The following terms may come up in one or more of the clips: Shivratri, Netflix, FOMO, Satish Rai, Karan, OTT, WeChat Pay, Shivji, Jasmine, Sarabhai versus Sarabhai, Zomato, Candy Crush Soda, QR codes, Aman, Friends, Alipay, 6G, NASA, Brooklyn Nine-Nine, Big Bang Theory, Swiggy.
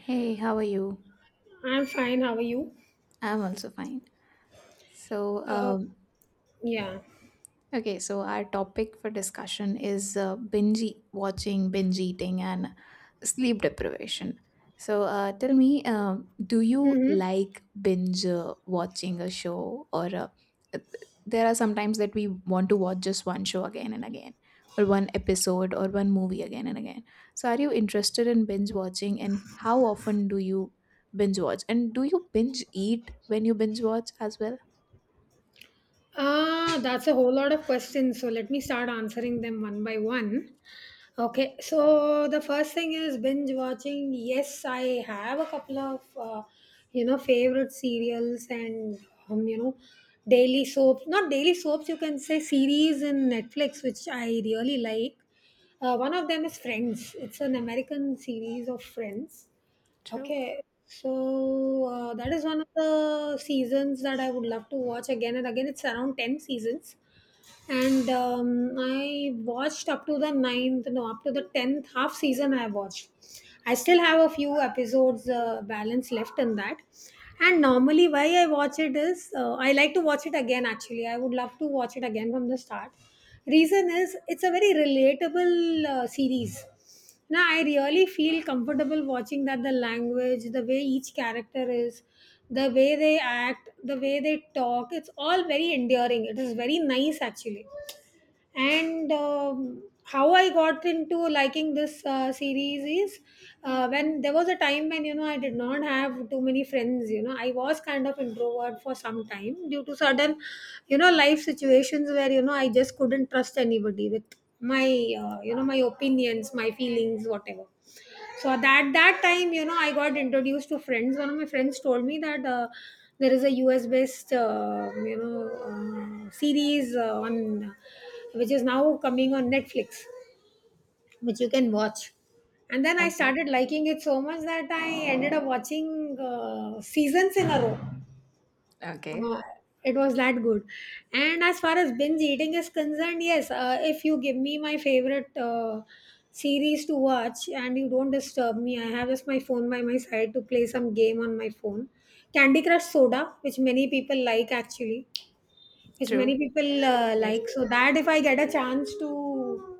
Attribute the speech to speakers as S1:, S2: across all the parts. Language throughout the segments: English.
S1: Hey, how are you?
S2: I'm fine. How are you?
S1: I'm also fine. So,
S2: Uh,
S1: um,
S2: yeah.
S1: Okay, so our topic for discussion is watching, binge eating, and sleep deprivation. So, tell me, do you
S2: Mm-hmm.
S1: like binge watching a show, or uh, there are sometimes that we want to watch just one show again and again, or one episode, or one movie again and again. So, are you interested in binge watching, and how often do you binge watch, and do you binge eat when you binge watch as well?
S2: That's a whole lot of questions. So let me start answering them one by one. Okay. So the first thing is binge watching. Yes, I have a couple of you know favorite serials and you know daily soaps. Not daily soaps. You can say series in Netflix, which I really like. One of them is Friends. It's an American series of Friends.
S1: True.
S2: Okay, so that is one of the seasons that I would love to watch again and again. It's around 10 seasons, and I watched up to the ninth, no, up to the 10th half season. I watched, I still have a few episodes balance left in that. And normally, why I watch it is I like to watch it again actually. I would love to watch it again from the start. Reason is it's a very relatable series now, I really feel comfortable watching that the language, the way each character is, the way they act, the way they talk, it's all very endearing. It is very nice actually and how I got into liking this series is when there was a time when you know I did not have too many friends you know I was kind of introvert for some time due to certain you know life situations where you know I just couldn't trust anybody with my you know my opinions my feelings whatever so at that time you know I got introduced to friends. One of my friends told me that there is a us based you know series on which is now coming on netflix which you can watch. And then I
S1: Okay.
S2: started liking it so much that I ended up watching seasons in a row.
S1: Okay.
S2: uh, it was that good. And as far as binge eating is concerned, yes, if you give me my favorite series to watch and you don't disturb me, I have just my phone by my side to play some game on my phone. Candy Crush Soda, which many people like actually, which
S1: True.
S2: many people like. So that if I get a chance to.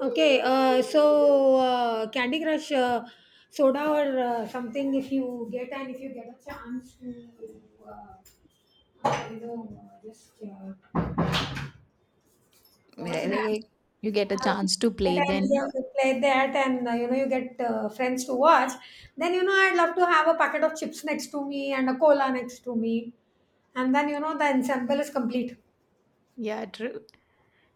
S2: Okay, so Candy Crush soda or something if you get and if you get a chance to just watch
S1: Like,
S2: that
S1: like, you get a chance to play
S2: and yeah,
S1: then.
S2: you play that and you know you get friends to watch. Then you know I'd love to have a packet of chips next to me and a cola next to me, and then you know the ensemble is complete.
S1: Yeah, true.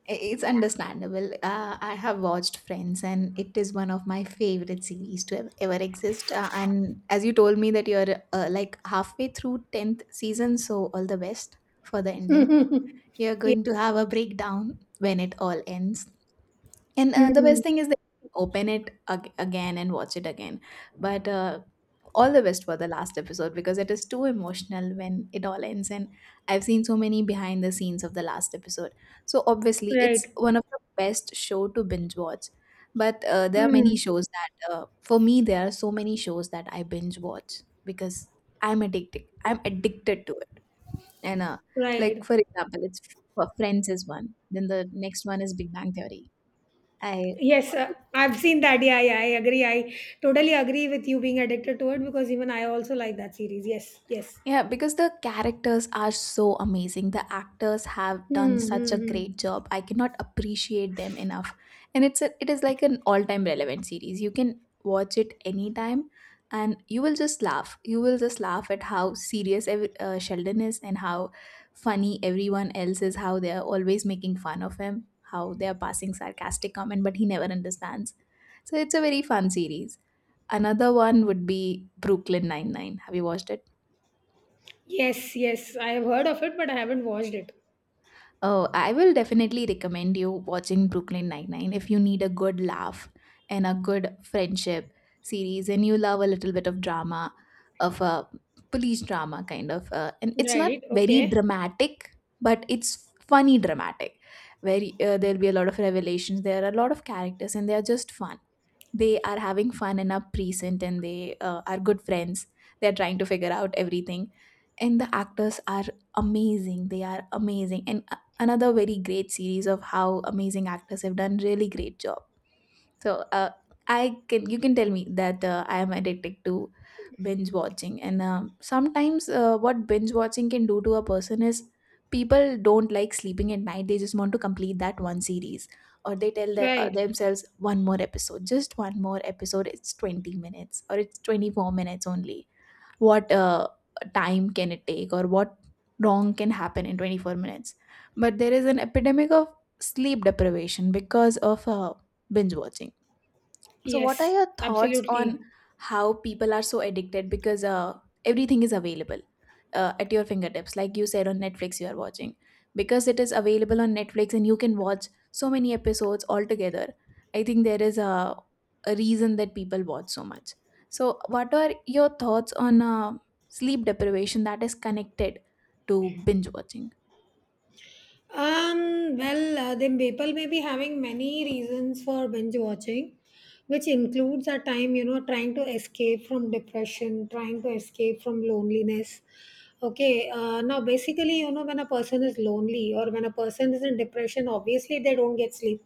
S1: It's
S2: Yeah.
S1: understandable. I have watched Friends and it is one of my favorite series to ever exist. And as you told me that you're like halfway through 10th season, so all the best for the ending. You're
S2: Yeah.
S1: going to have a breakdown when it all ends. And the best
S2: Mm,
S1: thing is they can open it again and watch it again. But all the best for the last episode because it is too emotional when it all ends. And I've seen so many behind the scenes of the last episode. So obviously, it's
S2: right.
S1: one of the best show to binge watch. But there are many
S2: Mm,
S1: shows that, for me, there are so many shows that I binge watch because I'm addicted. I'm addicted to it. And like
S2: right.
S1: for example, it's Friends is one. Then the next one is Big Bang Theory. I
S2: Yes,
S1: watch it.
S2: I've seen that. Yeah, yeah, I agree. I totally agree with you being addicted to it because even I also like that series. Yes, yes.
S1: Yeah, because the characters are so amazing. The actors have done
S2: Hmm,
S1: such
S2: hmm,
S1: a
S2: hmm.
S1: great job. I cannot appreciate them enough. And it is like an all-time relevant series. You can watch it anytime and you will just laugh. You will just laugh at how serious Sheldon is and how funny everyone else is, how they are always making fun of him, how they are passing sarcastic comment but he never understands. So it's a very fun series. Another one would be Brooklyn Nine-Nine. Have you watched it?
S2: Yes, yes. I have heard of it, but I haven't watched it.
S1: Oh, I will definitely recommend you watching Brooklyn Nine-Nine if you need a good laugh and a good friendship series, and you love a little bit of drama, of a police drama kind of. And it's not
S2: Right.
S1: very
S2: Okay.
S1: dramatic, but it's funny dramatic, where there'll be a lot of revelations. There are a lot of characters and they are just fun. They are having fun and are present, and they are good friends. They're trying to figure out everything, and the actors are amazing. They are amazing. And another very great series of how amazing actors have done really great job. So I can you can tell me that I am addicted to binge watching. And sometimes what binge watching can do to a person is people don't like sleeping at night. They just want to complete that one series, or they tell
S2: Right.
S1: themselves one more episode, just one more episode. It's 20 minutes or it's 24 minutes only. What time can it take, or what wrong can happen in 24 minutes? But there is an epidemic of sleep deprivation because of binge watching. So what are
S2: Yes.
S1: your thoughts on
S2: Absolutely.
S1: how people are so addicted because everything is available at your fingertips? Like you said, on Netflix, you are watching because it is available on Netflix and you can watch so many episodes altogether. I think there is a reason that people watch so much. So, what are your thoughts on sleep deprivation that is connected to binge watching?
S2: Then people may be having many reasons for binge watching, which includes a time, you know, trying to escape from depression, trying to escape from loneliness. Okay, now basically, you know, when a person is lonely or when a person is in depression, obviously they don't get sleep.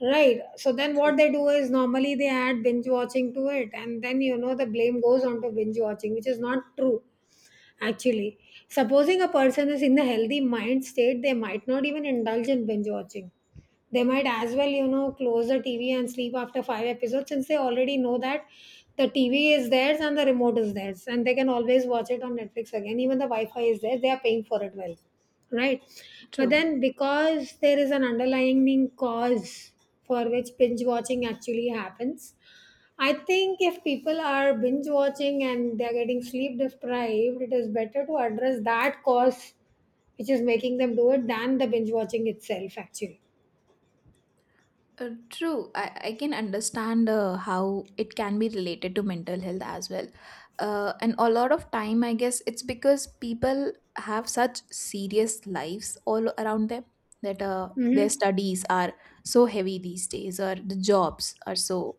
S2: Right. So then what they do is normally they add binge watching to it, and then, you know, the blame goes on to binge watching, which is not true. Actually, supposing a person is in a healthy mind state, they might not even indulge in binge watching. They might as well, you know, close the TV and sleep after five episodes since they already know that the TV is theirs and the remote is theirs and they can always watch it on Netflix again. Even the Wi Fi is there, they are paying for it well, right? But
S1: True.
S2: then, because there is an underlying cause for which binge watching actually happens, I think if people are binge watching and they're getting sleep deprived, it is better to address that cause which is making them do it than the binge watching itself, actually.
S1: True. I can understand how it can be related to mental health as well. And a lot of time, I guess it's because people have such serious lives all around them, that their
S2: Mm-hmm.
S1: studies are so heavy these days, or the jobs are so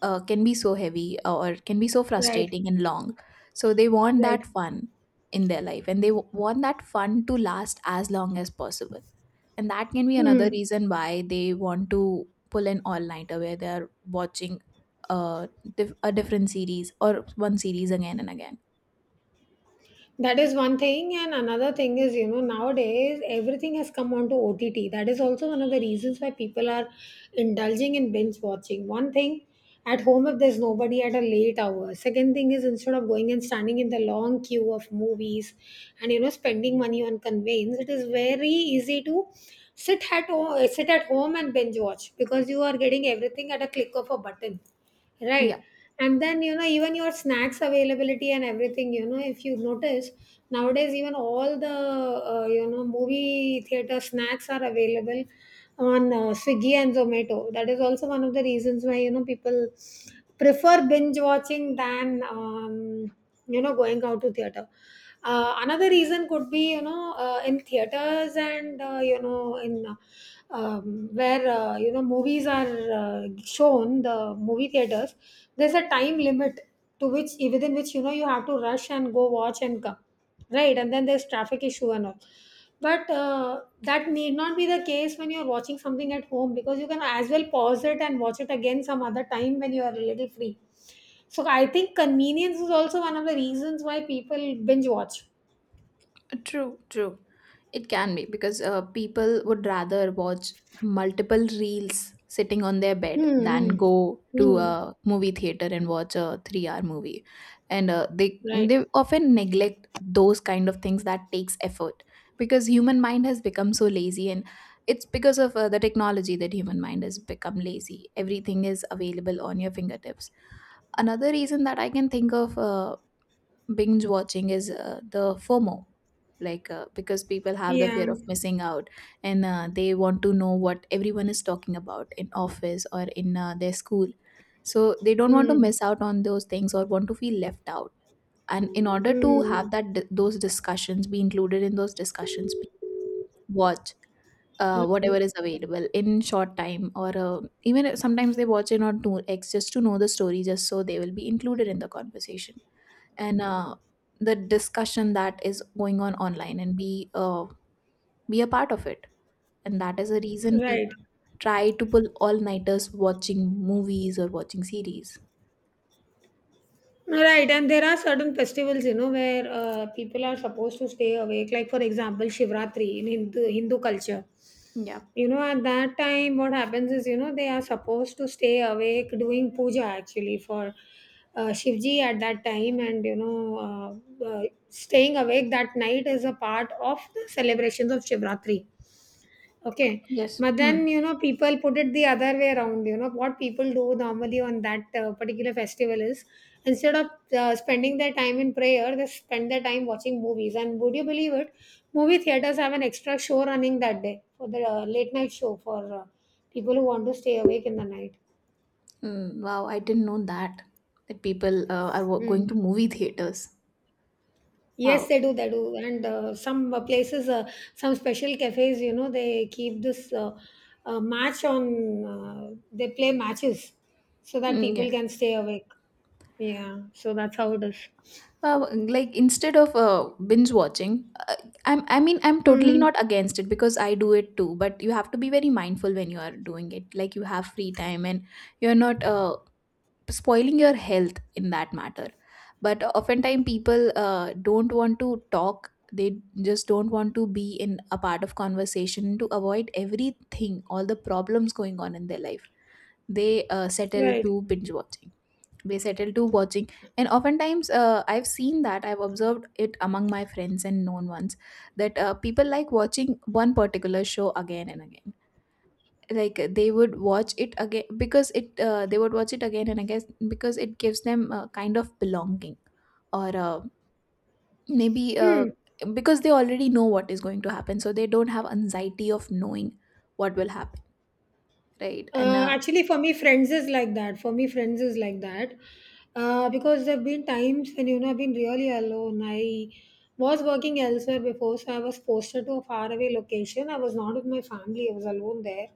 S1: can be so heavy or can be so
S2: Right,
S1: frustrating and long. So they want
S2: right.
S1: that fun in their life, and they want that fun to last as long as possible, and that can be another
S2: Hmm.
S1: reason why they want to pull an all-nighter where they are watching uh, a different series or one series again and again.
S2: That is one thing, and another thing is, you know, nowadays everything has come on to OTT. That is also one of the reasons why people are indulging in binge watching. One thing at home, if there's nobody at a late hour, second thing is instead of going and standing in the long queue of movies and you know, spending money on conveyance, it is very easy to sit at home and binge watch because you are getting everything at a click of a button. Right.
S1: Yeah.
S2: And then, you know, even your snacks availability and everything, you know, if you notice nowadays, even all the, you know, movie theater snacks are available on Swiggy and Zomato. That is also one of the reasons why, you know, people prefer binge watching than you know going out to theater. Another reason could be you know in theaters and you know in where you know movies are shown the movie theaters there's a time limit to which within which you know you have to rush and go watch and come right and then there's traffic issue and all but that need not be the case when you're watching something at home because you can as well pause it and watch it again some other time when you are a little free. So I think convenience is also one of the reasons why people binge watch.
S1: True, true. It can be because people would rather watch multiple reels sitting on their bed than
S2: Hmm, hmm,
S1: go to
S2: hmm.
S1: a movie theater and watch a 3-hour movie, and uh, they
S2: Right.
S1: they often neglect those kind of things that takes effort because human mind has become so lazy, and it's because of the technology that human mind has become lazy. Everything is available on your fingertips. Another reason that I can think of binge watching is the FOMO, like because people have the
S2: Yeah.
S1: fear of missing out, and they want to know what everyone is talking about in office or in their school. So they don't want to
S2: Hmm,
S1: miss out on those things or want to feel left out. And in order to
S2: hmm,
S1: have those discussions, be included in those discussions, watch whatever
S2: hmm.
S1: is available in short time, or even sometimes they watch in on 2x just to know the story, just so they will be included in the conversation and the discussion that is going on online, and be a part of it. And that is a reason people
S2: Right.
S1: try to pull all nighters watching movies or watching series.
S2: Right, and there are certain festivals, you know, where people are supposed to stay awake. Like for example, Shivratri in Hindu culture.
S1: Yeah.
S2: You know, at that time, what happens is, you know, they are supposed to stay awake doing puja actually for Shivji at that time, and staying awake that night is a part of the celebrations of Shivratri. Okay.
S1: Yes.
S2: But
S1: Hmm.
S2: then, you know, people put it the other way around. You know, what people do normally on that particular festival is instead of spending their time in prayer, they spend their time watching movies. And would you believe it? Movie theaters have an extra show running that day for the late night show for people who want to stay awake in the night.
S1: Hmm. Wow, I didn't know that, that people are going to
S2: Mm.
S1: movie theaters.
S2: Yes,
S1: Wow.
S2: they do. They do, and some places, some special cafes, you know, they keep this match on. They play matches so that
S1: Hmm, yeah.
S2: people can stay awake. Yeah, so that's how it is.
S1: Wow, like instead of binge watching, I mean I'm totally
S2: Hmm.
S1: not against it because I do it too. But you have to be very mindful when you are doing it. Like you have free time and you're not spoiling your health in that matter. But oftentimes people don't want to talk. They just don't want to be in a part of conversation to avoid everything, all the problems going on in their life. They settle
S2: Right.
S1: to binge watching. They settle to watching. And oftentimes I've seen that, I've observed it among my friends and known ones, that people like watching one particular show again and again. Like they would watch it again because it they would watch it again and again because it gives them a kind of belonging, or maybe
S2: Hmm.
S1: because they already know what is going to happen, so they don't have anxiety of knowing what will happen. Right. and
S2: Actually, for me, friends is like that. For me, friends is like that. Because there have been times when, you know, I've been really alone. I was working elsewhere before, so I was posted to a faraway location. I was not with my family, I was alone there.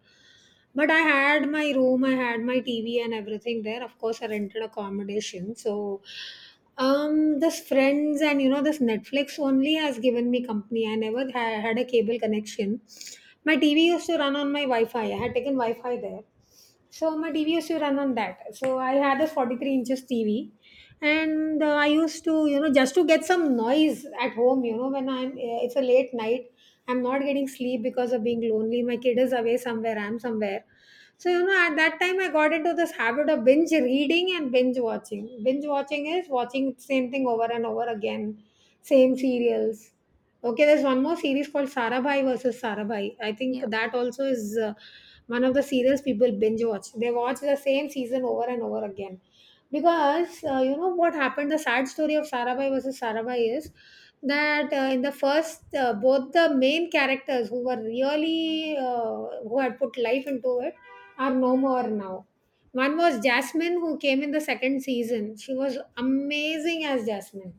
S2: But I had my room, I had my TV and everything there. Of course, I rented accommodation. So this Friends and you know this Netflix only has given me company. I never had a cable connection. My TV used to run on my Wi-Fi. I had taken Wi-Fi there, so my TV used to run on that. So I had a 43 inches TV, and I used to, you know, just to get some noise at home. You know, when it's a late night, I'm not getting sleep because of being lonely. My kid is away somewhere. I'm somewhere. So you know, at that time, I got into this habit of binge reading and binge watching. Binge watching is watching same thing over and over again, same serials. Okay, there's one more series called Sarabhai versus Sarabhai. I think
S1: Yeah,
S2: that also is one of the serials people binge watch. They watch the same season over and over again. Because you know what happened? The sad story of Sarabhai versus Sarabhai is that in the first, both the main characters who were really, who had put life into it, are no more now. One was Jasmine, who came in the second season. She was amazing as Jasmine,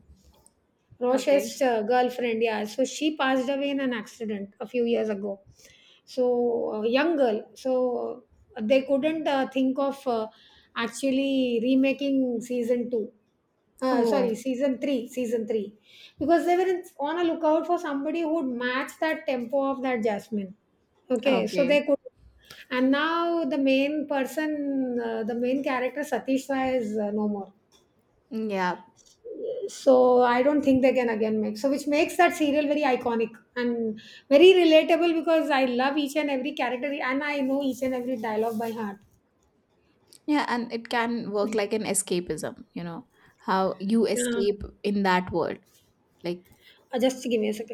S1: okay.
S2: Rosh's girlfriend, yeah. So she passed away in an accident a few years ago. So young girl. So they couldn't think of actually remaking season two. Sorry,
S1: Oh,
S2: season three, because they were on a lookout for somebody who would match that tempo of that Jasmine. Okay, so
S1: okay.
S2: they could, and now the main person, the main character Satish Rai is no more.
S1: Yeah,
S2: So I don't think they can again make. So which makes that serial very iconic and very relatable because I love each and every character and I know each and every dialogue by heart.
S1: yeah, and it can work like an escapism, you know, how you escape in that world. Like,
S2: Just give me a second.